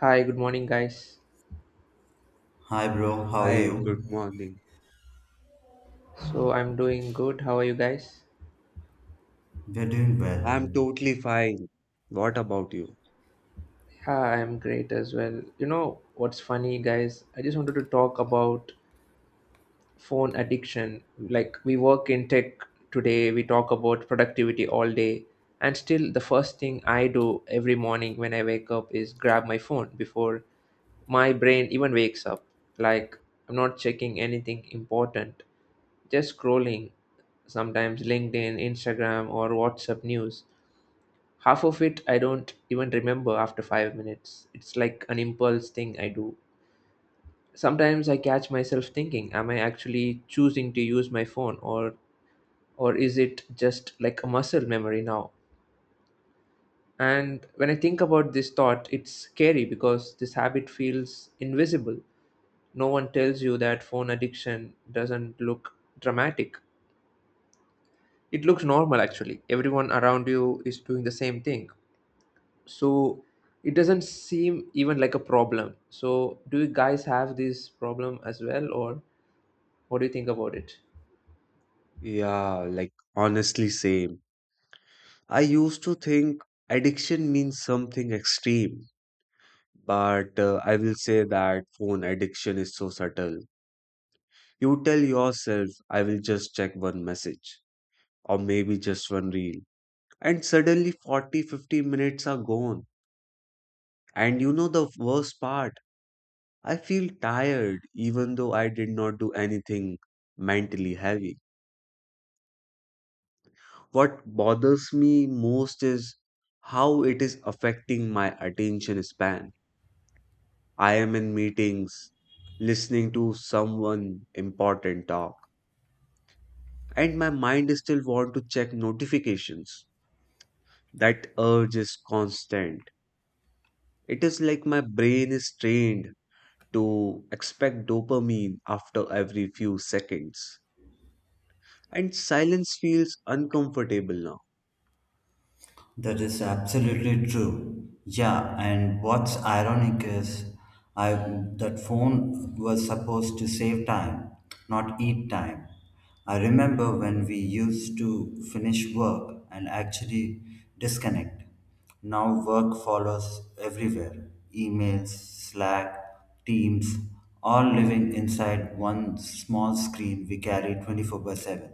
Hi, good morning, guys. Hi, bro, how are Hi, you? good morning. So I'm doing good. How are you guys? We're doing well. I'm totally fine. What about you? Yeah, I'm great as well. You know what's funny, guys? I just wanted to talk about phone addiction. Like, we work in tech today, we talk about productivity all day, and still, the first thing I do every morning when I wake up is grab my phone before my brain even wakes up. Like, I'm not checking anything important, just scrolling, sometimes LinkedIn, Instagram, or WhatsApp news. Half of it I don't even remember after 5 minutes. It's like an impulse thing I do. Sometimes I catch myself thinking, am I actually choosing to use my phone, or is it just like a muscle memory now? And when I think about this thought, it's scary because this habit feels invisible. No one tells you that phone addiction doesn't look dramatic. It looks normal actually. Everyone around you is doing the same thing. so it doesn't seem even like a problem. So do you guys have this problem as well, or what do you think about it? Yeah, like honestly, same. I used to think addiction means something extreme, but I will say that phone addiction is so subtle. You tell yourself, I will just check one message or maybe just one reel, and suddenly 40, 50 minutes are gone. And you know the worst part? I feel tired even though I did not do anything mentally heavy. What bothers me most is how it is affecting my attention span. I am in meetings, listening to someone important talk, and my mind still want to check notifications. That urge is constant. It is like my brain is trained to expect dopamine after every few seconds. And silence feels uncomfortable now. That is absolutely true. Yeah, and what's ironic is I that phone was supposed to save time, not eat time. I remember when we used to finish work and actually disconnect. Now work follows everywhere. Emails, Slack, Teams, all living inside one small screen we carry 24 by 7.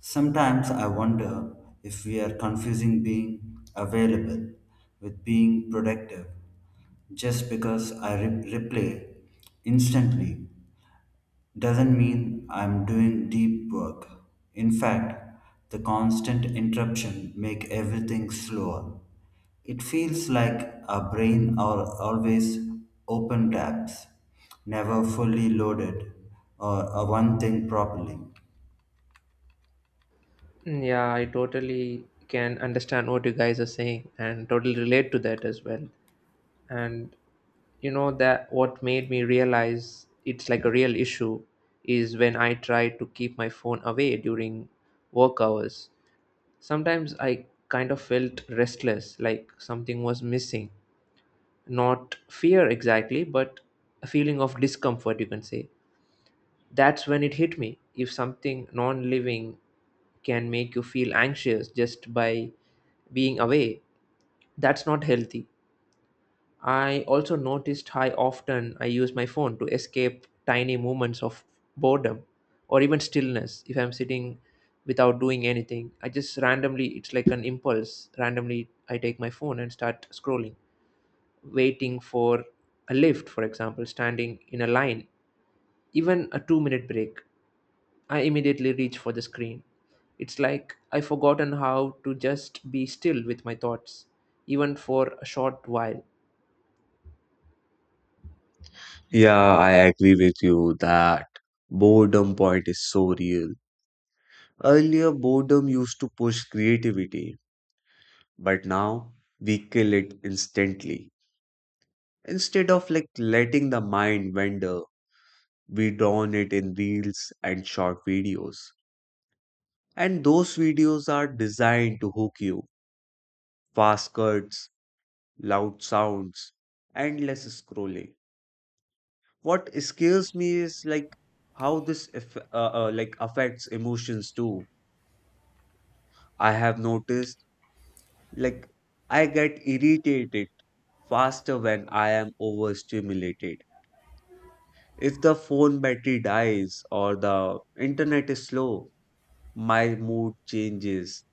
Sometimes I wonder if we are confusing being available with being productive. Just because I replay instantly doesn't mean I'm doing deep work. In fact, the constant interruption make everything slower. It feels like our brain are always open tabs, never fully loaded a one thing properly. Yeah, I totally can understand what you guys are saying and totally relate to that as well. And you know that what made me realize it's like a real issue is when I try to keep my phone away during work hours. Sometimes I kind of felt restless, like something was missing, not fear exactly, but a feeling of discomfort, you can say. That's when it hit me. If something non living can make you feel anxious just by being away, that's not healthy. I also noticed how often I use my phone to escape tiny moments of boredom or even stillness. If I'm sitting without doing anything, I just randomly, it's like an impulse, randomly I take my phone and start scrolling, waiting for a lift, for example, standing in a line, even a 2 minute break, I immediately reach for the screen. It's like I've forgotten how to just be still with my thoughts, even for a short while. Yeah, I agree with you that boredom point is so real. Earlier, boredom used to push creativity, but now we kill it instantly. Instead of like letting the mind wander, we drown it in reels and short videos. And those videos are designed to hook you. Fast cuts, loud sounds, endless scrolling. What scares me is like how this like affects emotions too. I have noticed like I get irritated faster when I am overstimulated. If the phone battery dies or the internet is slow, my mood changes.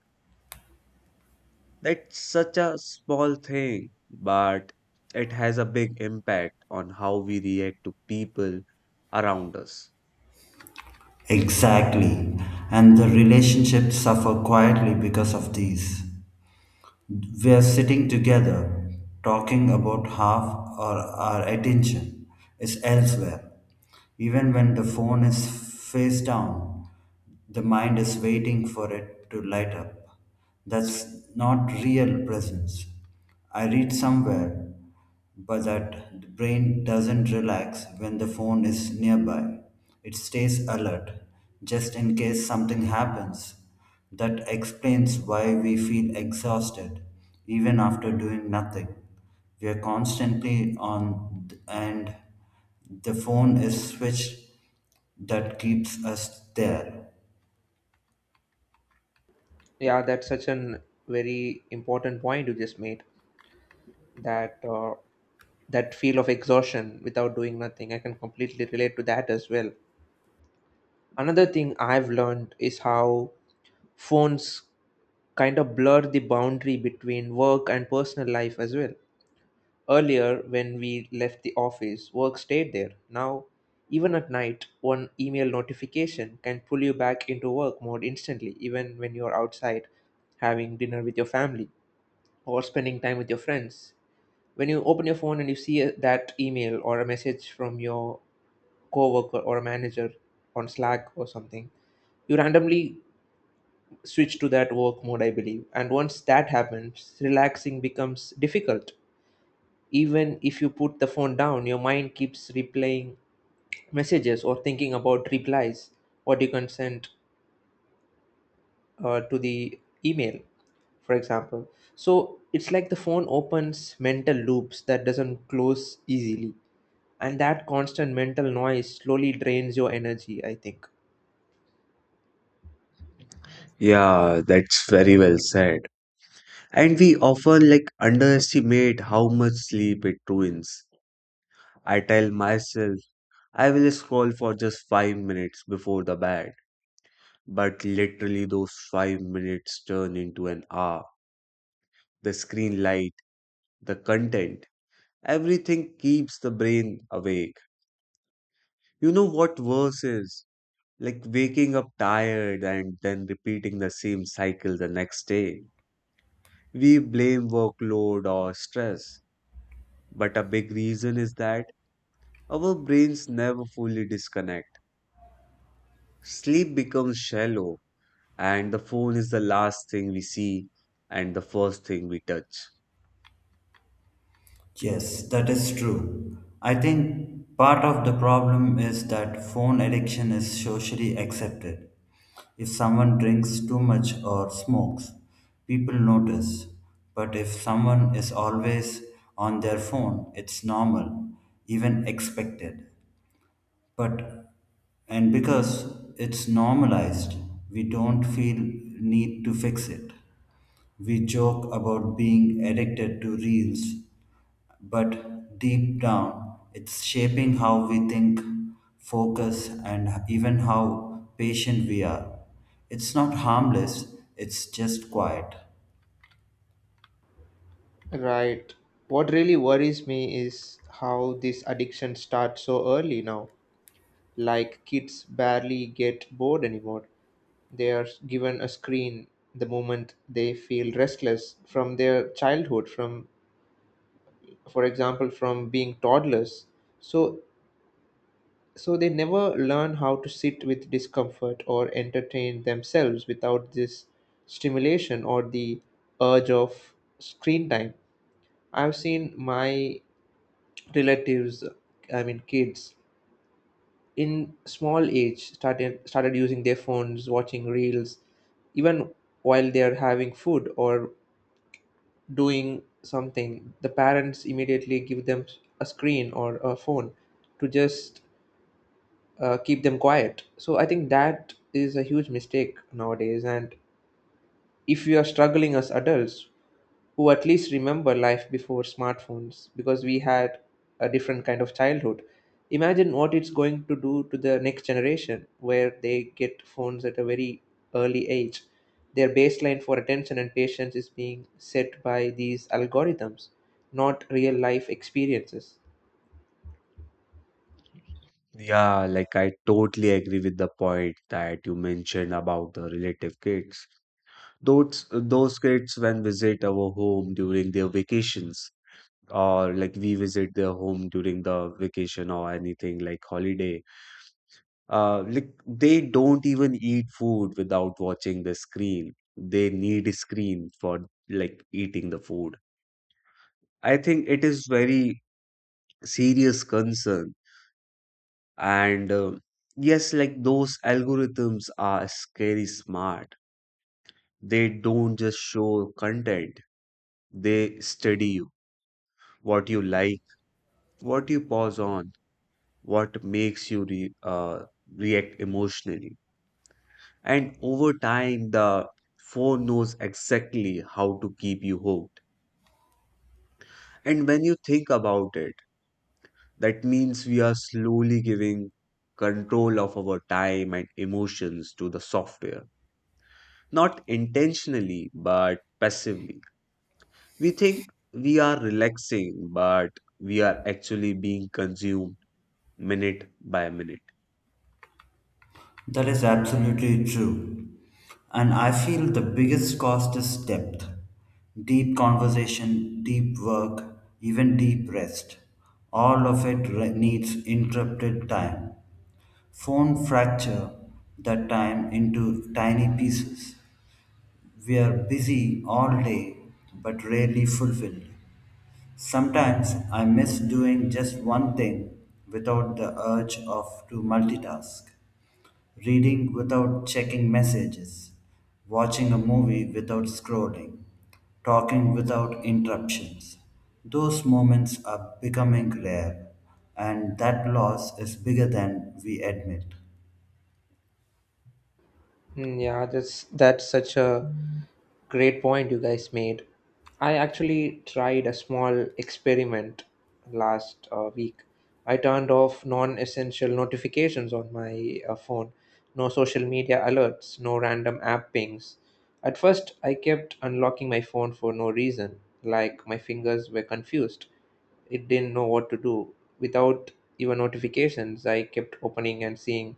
That's such a small thing, but it has a big impact on how we react to people around us. Exactly. And the relationships suffer quietly because of these. We are sitting together, talking about half or our attention is elsewhere. Even when the phone is face down, the mind is waiting for it to light up. That's not real presence. I read somewhere but the brain doesn't relax when the phone is nearby. It stays alert, just in case something happens. That explains why we feel exhausted, even after doing nothing. We are constantly on, and the phone is switched that keeps us there. Yeah, that's such an very important point you just made. That uh, that feel of exhaustion without doing nothing. I can completely relate to that as well. Another thing I've learned is how phones kind of blur the boundary between work and personal life as well. Earlier, when we left the office, work stayed there. Now, even at night, one email notification can pull you back into work mode instantly, even when you're outside having dinner with your family or spending time with your friends. When you open your phone and you see that email or a message from your coworker or a manager on Slack or something, you randomly switch to that work mode, I believe. And once that happens, relaxing becomes difficult. Even if you put the phone down, your mind keeps replaying messages or thinking about replies or you can send, to the email, for example. So it's like the phone opens mental loops that doesn't close easily. And that constant mental noise slowly drains your energy, I think. Yeah, that's very well said. And we often like underestimate how much sleep it ruins. I tell myself I will scroll for just 5 minutes before the bed. But literally, those 5 minutes turn into an hour. The screen light, the content, everything keeps the brain awake. You know what worse is? Like waking up tired and then repeating the same cycle the next day. We blame workload or stress, but a big reason is that our brains never fully disconnect. Sleep becomes shallow, and the phone is the last thing we see and the first thing we touch. Yes, that is true. I think part of the problem is that phone addiction is socially accepted. If someone drinks too much or smokes, people notice. But if someone is always on their phone, it's normal, even expected. But, and because it's normalized, we don't feel need to fix it. We joke about being addicted to reels, but deep down, it's shaping how we think, focus, and even how patient we are. It's not harmless, it's just quiet. Right. What really worries me is how this addiction starts so early now. Like kids barely get bored anymore. They are given a screen the moment they feel restless, from their childhood, from, for example, from being toddlers. So so they never learn how to sit with discomfort or entertain themselves without this stimulation or the urge of screen time. I've seen my relatives, I mean kids in small age, started using their phones, watching reels even while they are having food or doing something. The parents immediately give them a screen or a phone to just keep them quiet. So I think that is a huge mistake nowadays. And if we are struggling as adults who at least remember life before smartphones, because we had a different kind of childhood, imagine what it's going to do to the next generation, where they get phones at a very early age. Their baseline for attention and patience is being set by these algorithms, not real life experiences. Yeah, like I totally agree with the point that you mentioned about the relative kids. Those kids when visit our home during their vacations, or like we visit their home during the vacation or anything like holiday. Like they don't even eat food without watching the screen. They need a screen for like eating the food. I think it is very serious concern. And yes, like those algorithms are scary smart. They don't just show content, they study you, what you like, what you pause on, what makes you re react emotionally. And over time, the phone knows exactly how to keep you hooked. And when you think about it, that means we are slowly giving control of our time and emotions to the software, not intentionally but passively. We think we are relaxing, but we are actually being consumed minute by minute. That is absolutely true. And I feel the biggest cost is depth. Deep conversation, deep work, even deep rest. All of it needs interrupted time. Phone fracture that time into tiny pieces. We are busy all day but rarely fulfilled. Sometimes I miss doing just one thing without the urge of to multitask reading without checking messages, watching a movie without scrolling, talking without interruptions. Those moments are becoming rare, and that loss is bigger than we admit. Yeah, that's such a great point you guys made. I actually tried a small experiment last week. I turned off non-essential notifications on my phone. No social media alerts, no random app pings. At first, I kept unlocking my phone for no reason, like my fingers were confused. It didn't know what to do. Without even notifications, I kept opening and seeing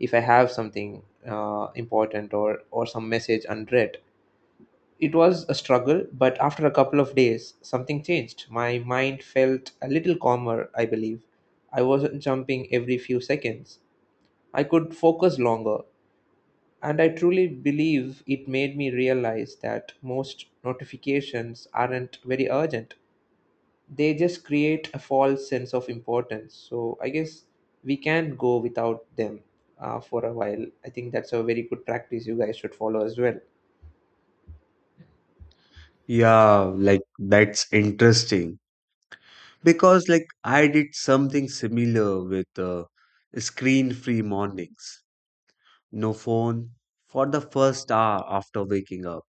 if I have something important, or some message unread. It was a struggle, but after a couple of days, something changed. My mind felt a little calmer, I believe. I wasn't jumping every few seconds. I could focus longer, and I truly believe it made me realize that most notifications aren't very urgent, they just create a false sense of importance. So I guess we can go without them for a while. I think that's a very good practice you guys should follow as well. Yeah, like that's interesting because like I did something similar with screen-free mornings. No phone for the first hour after waking up.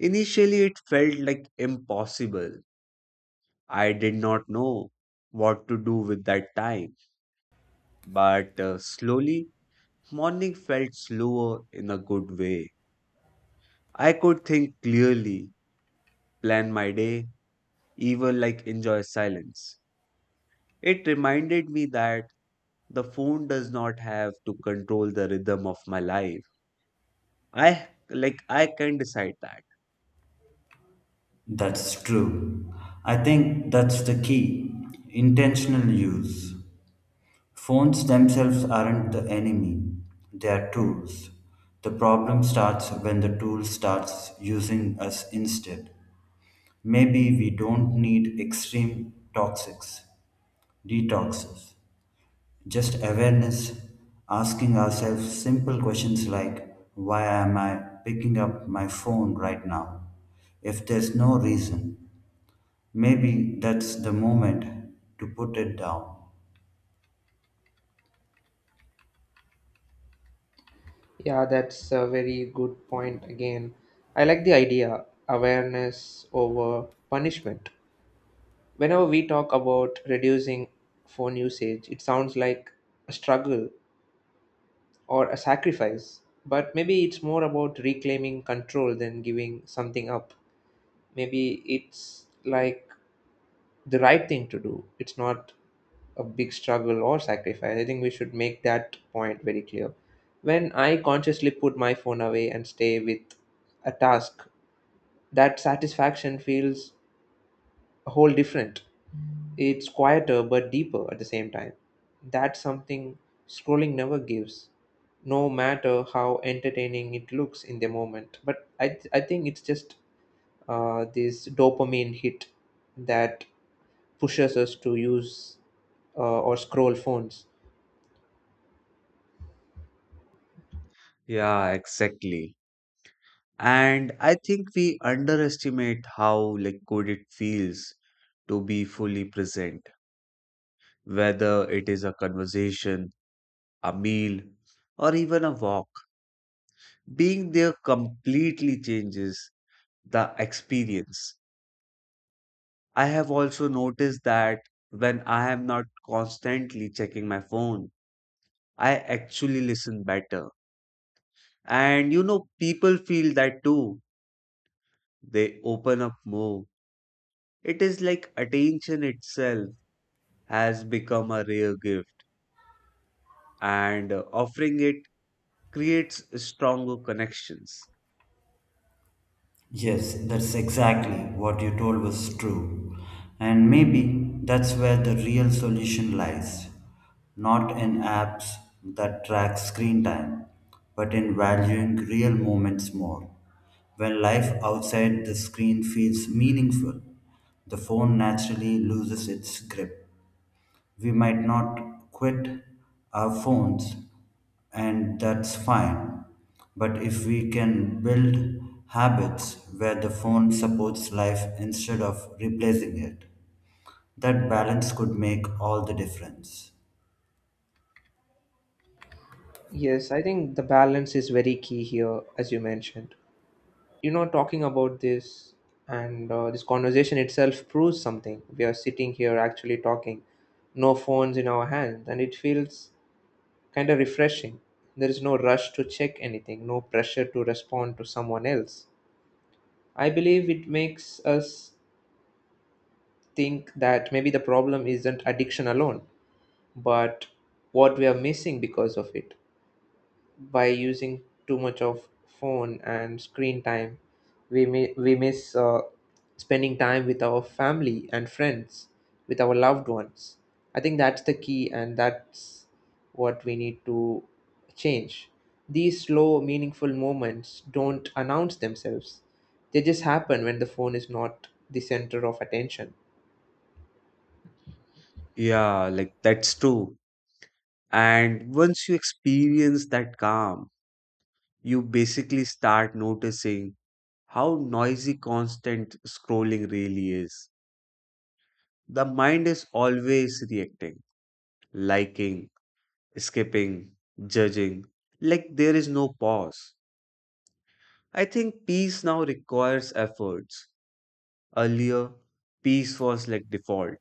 Initially, it felt like impossible. I did not know what to do with that time, but slowly, morning felt slower in a good way. I could think clearly, plan my day, even like enjoy silence. It reminded me that the phone does not have to control the rhythm of my life. I like I can decide that. That's true. I think that's the key intentional use. Phones themselves aren't the enemy, they are tools. The problem starts when the tool starts using us instead. Maybe we don't need extreme detoxes, just awareness, asking ourselves simple questions like, why am I picking up my phone right now? If there's no reason, maybe that's the moment to put it down. Yeah, that's a very good point again. I like the idea awareness over punishment. Whenever we talk about reducing phone usage, it sounds like a struggle or a sacrifice, but maybe it's more about reclaiming control than giving something up. Maybe it's like the right thing to do. It's not a big struggle or sacrifice. I think we should make that point very clear. When I consciously put my phone away and stay with a task, that satisfaction feels a whole different. It's quieter but deeper at the same time. That's something scrolling never gives, no matter how entertaining it looks in the moment. I think it's just this dopamine hit that pushes us to use, or scroll phones. Yeah, exactly. And I think we underestimate how like good it feels to be fully present, whether it is a conversation, a meal, or even a walk. Being there completely changes the experience. I have also noticed that when I am not constantly checking my phone, I actually listen better. And you know, people feel that too. They open up more. It is like attention itself has become a rare gift, and offering it creates stronger connections. Yes, that's exactly what you told was true. And maybe that's where the real solution lies. Not in apps that track screen time, but in valuing real moments more. When life outside the screen feels meaningful, the phone naturally loses its grip. We might not quit our phones, and that's fine. But if we can build habits where the phone supports life instead of replacing it, that balance could make all the difference. Yes, I think the balance is very key here, as you mentioned. You know, talking about this, and this conversation itself proves something. We are sitting here actually talking, no phones in our hands, and it feels kind of refreshing. There is no rush to check anything, no pressure to respond to someone else. I believe it makes us think that maybe the problem isn't addiction alone, but what we are missing because of it. By using too much of phone and screen time, we miss spending time with our family and friends, with our loved ones. I think that's the key, and that's what we need to change. These slow meaningful moments don't announce themselves, they just happen when the phone is not the center of attention. Yeah, like that's true. And once you experience that calm, you basically start noticing how noisy constant scrolling really is. The mind is always reacting, liking, skipping, judging, like there is no pause. I think peace now requires efforts. Earlier, peace was like default,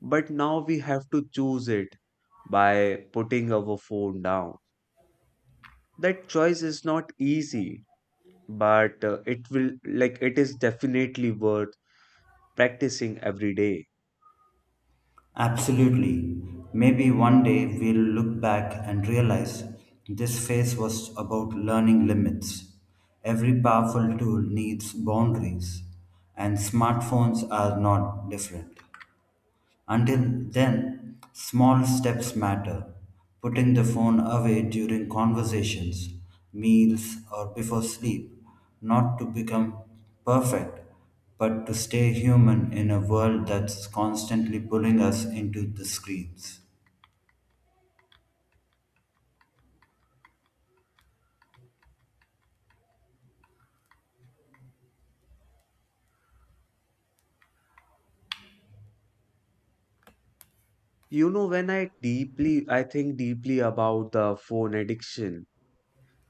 but now we have to choose it by putting our phone down. That choice is not easy, but it will like it is definitely worth practicing every day. Absolutely. Maybe one day we'll look back and realize this phase was about learning limits. Every powerful tool needs boundaries, and smartphones are not different. Until then, small steps matter. Putting the phone away during conversations, meals, or before sleep, not to become perfect, but to stay human in a world that's constantly pulling us into the screens. You know, when I think deeply about the phone addiction,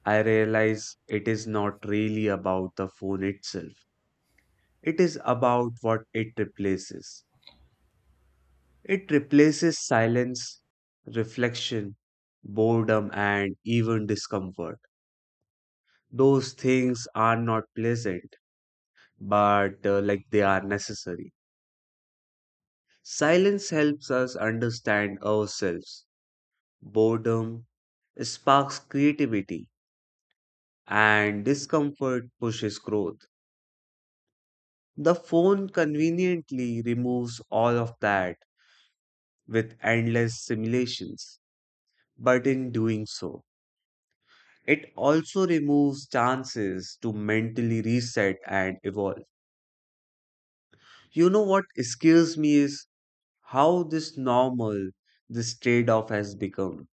I realize it is not really about the phone itself. It is about what it replaces. It replaces silence, reflection, boredom, and even discomfort. Those things are not pleasant, but like they are necessary. Silence helps us understand ourselves. Boredom sparks creativity and discomfort pushes growth. The phone conveniently removes all of that with endless simulations, but in doing so, it also removes chances to mentally reset and evolve. You know what scares me is how this normal, this trade off has become.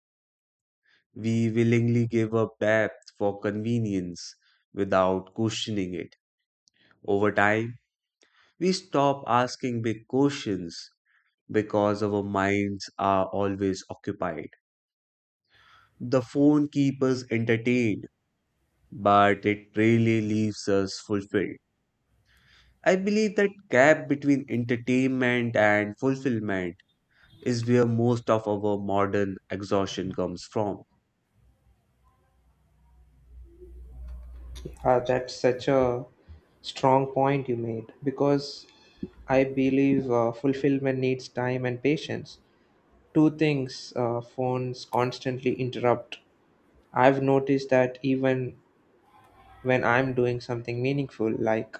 We willingly give up depth for convenience without questioning it. Over time, we stop asking big questions because our minds are always occupied. The phone keeps us entertained, but it really leaves us fulfilled. I believe that gap between entertainment and fulfillment is where most of our modern exhaustion comes from. That's such a strong point you made, because I believe fulfillment needs time and patience. Two things phones constantly interrupt. I've noticed that even when I'm doing something meaningful, like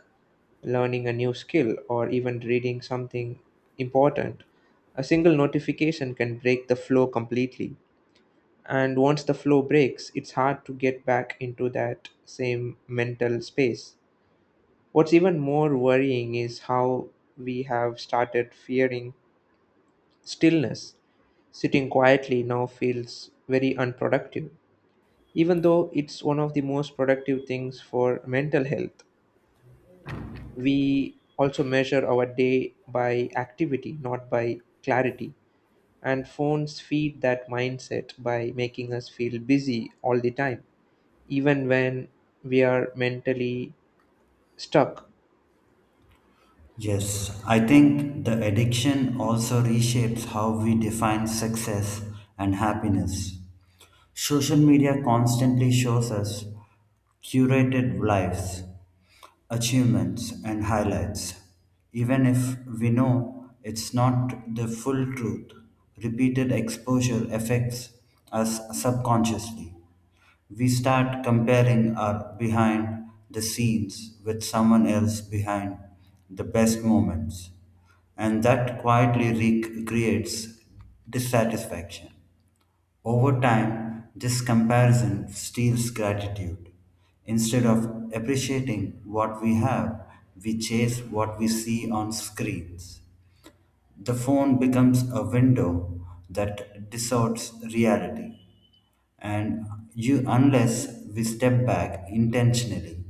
learning a new skill or even reading something important, a single notification can break the flow completely. And once the flow breaks, it's hard to get back into that same mental space. What's even more worrying is how we have started fearing stillness. Sitting quietly now feels very unproductive, even though it's one of the most productive things for mental health. We also measure our day by activity, not by clarity, and phones feed that mindset by making us feel busy all the time, even when we are mentally stuck. Yes, I think the addiction also reshapes how we define success and happiness. Social media constantly shows us curated lives, achievements, and highlights, even if we know it's not the full truth. Repeated exposure affects us subconsciously. We start comparing our behind the scenes with someone else behind the best moments, and that quietly creates dissatisfaction. Over time, this comparison steals gratitude. Instead of appreciating what we have, we chase what we see on screens. The phone becomes a window that distorts reality, and unless we step back intentionally,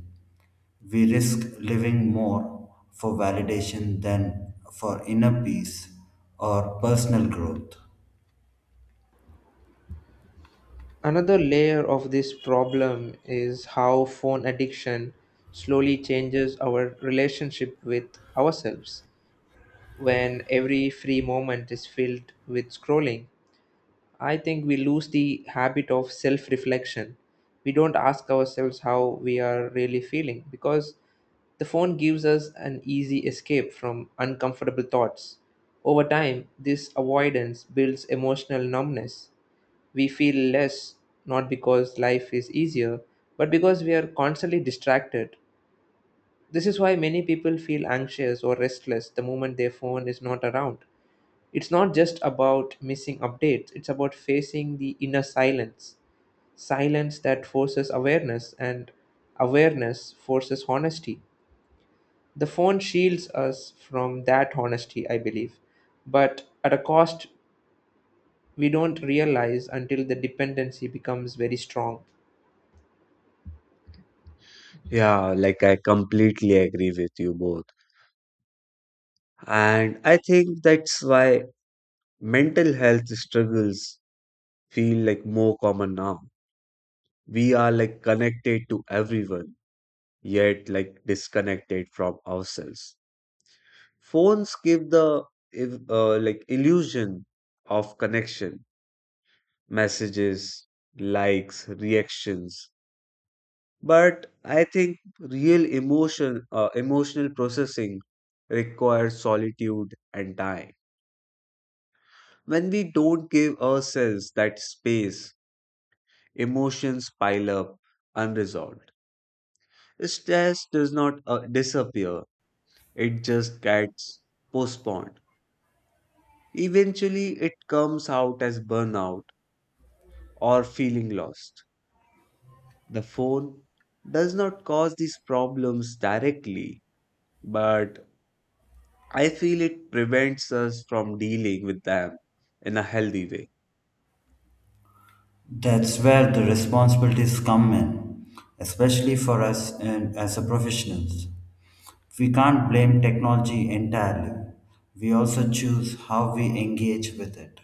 we risk living more for validation than for inner peace or personal growth. Another layer of this problem is how phone addiction slowly changes our relationship with ourselves when every free moment is filled with scrolling. I think we lose the habit of self reflection. We don't ask ourselves how we are really feeling, because the phone gives us an easy escape from uncomfortable thoughts. Over time, this avoidance builds emotional numbness. We feel less, not because life is easier, but because we are constantly distracted. This is why many people feel anxious or restless the moment their phone is not around. It's not just about missing updates, it's about facing the inner silence. Silence that forces awareness, and awareness forces honesty. The phone shields us from that honesty, I believe, but at a cost we don't realize until the dependency becomes very strong. Yeah, like I completely agree with you both. And I think that's why mental health struggles feel like more common now. We are like connected to everyone yet like disconnected from ourselves phones give the like illusion of connection: messages likes, reactions but I think real emotional processing requires solitude and time. When We don't give ourselves that space, emotions pile up unresolved. Stress does not disappear It just gets postponed. Eventually, it comes out as burnout or feeling lost. The phone does not cause these problems directly, but I feel it prevents us from dealing with them in a healthy way. That's where the responsibilities come in, especially for us and as a professionals. We can't blame technology entirely. We also choose how we engage with it.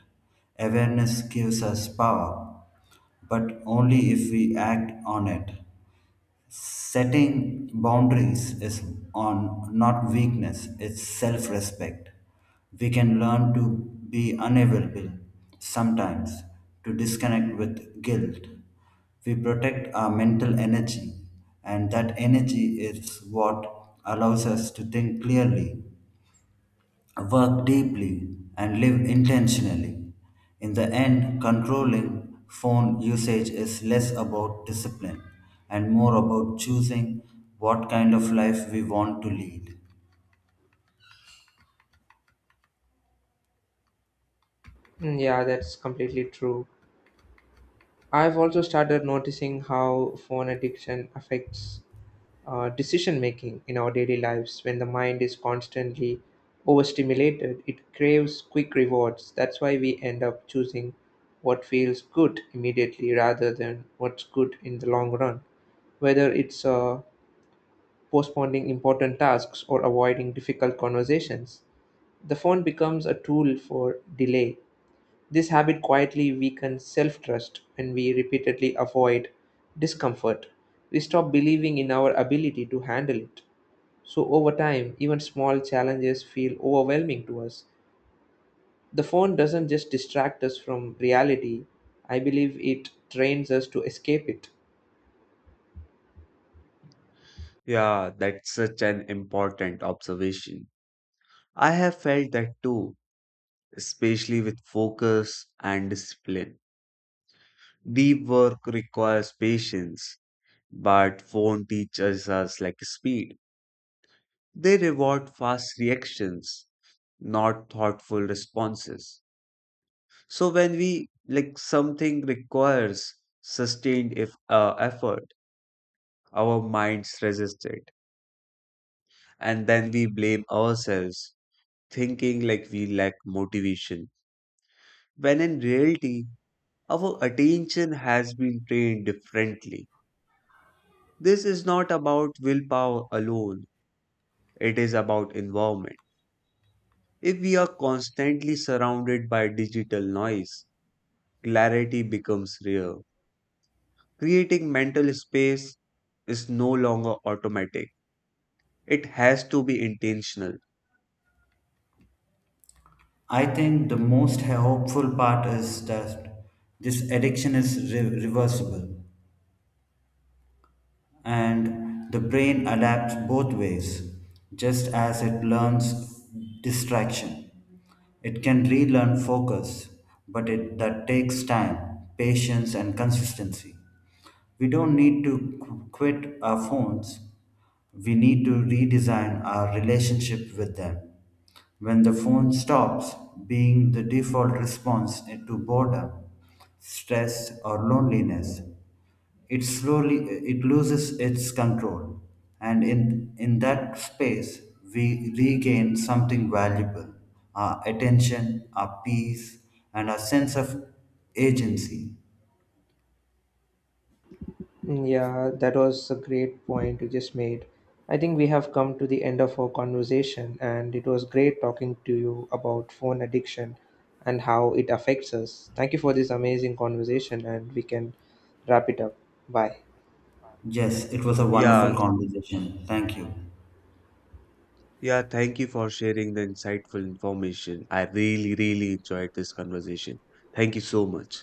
Awareness gives us power, but only if we act on it. Setting boundaries is on not weakness, it's self respect. We can learn to be unavailable sometimes, to disconnect with guilt. We protect our mental energy, and that energy is what allows us to think clearly work deeply, and live intentionally. In the end, controlling phone usage is less about discipline and more about choosing what kind of life we want to lead. Yeah, that's completely true. I've also started noticing how phone addiction affects decision making in our daily lives. When the mind is constantly overstimulated, it craves quick rewards. That's why we end up choosing what feels good immediately rather than what's good in the long run, whether it's postponing important tasks or avoiding difficult conversations. The phone becomes a tool for delay. This habit quietly weakens self-trust. When we repeatedly avoid discomfort, we stop believing in our ability to handle it, so over time, even small challenges feel overwhelming to us. The phone doesn't just distract us from reality, I believe it trains us to escape it. Yeah, that's such an important observation. I have felt that too, especially with focus and discipline. Deep work requires patience, but phone teaches us like speed. They reward fast reactions, not thoughtful responses. So when we like something requires sustained if effort, our minds resist it, and then we blame ourselves, thinking like we lack motivation. When in reality, our attention has been trained differently. This is not about willpower alone; it is about environment. If we are constantly surrounded by digital noise, clarity becomes rare. Creating mental space is no longer automatic, it has to be intentional. I think the most hopeful part is that this addiction is reversible. And the brain adapts both ways, just as it learns distraction. It can relearn focus, but that takes time, patience, and consistency. We don't need to quit our phones, we need to redesign our relationship with them. When the phone stops being the default response to boredom, stress, or loneliness, it slowly it loses its control, and in that space we regain something valuable, our attention, our peace, and our sense of agency. Yeah, that was a great point you just made. I think we have come to the end of our conversation, and it was great talking to you about phone addiction and how it affects us. Thank you for this amazing conversation, and we can wrap it up. Bye. Yes, it was a wonderful Yeah, conversation, thank you. yeah, thank you for sharing the insightful information. I really, really enjoyed this conversation. Thank you so much.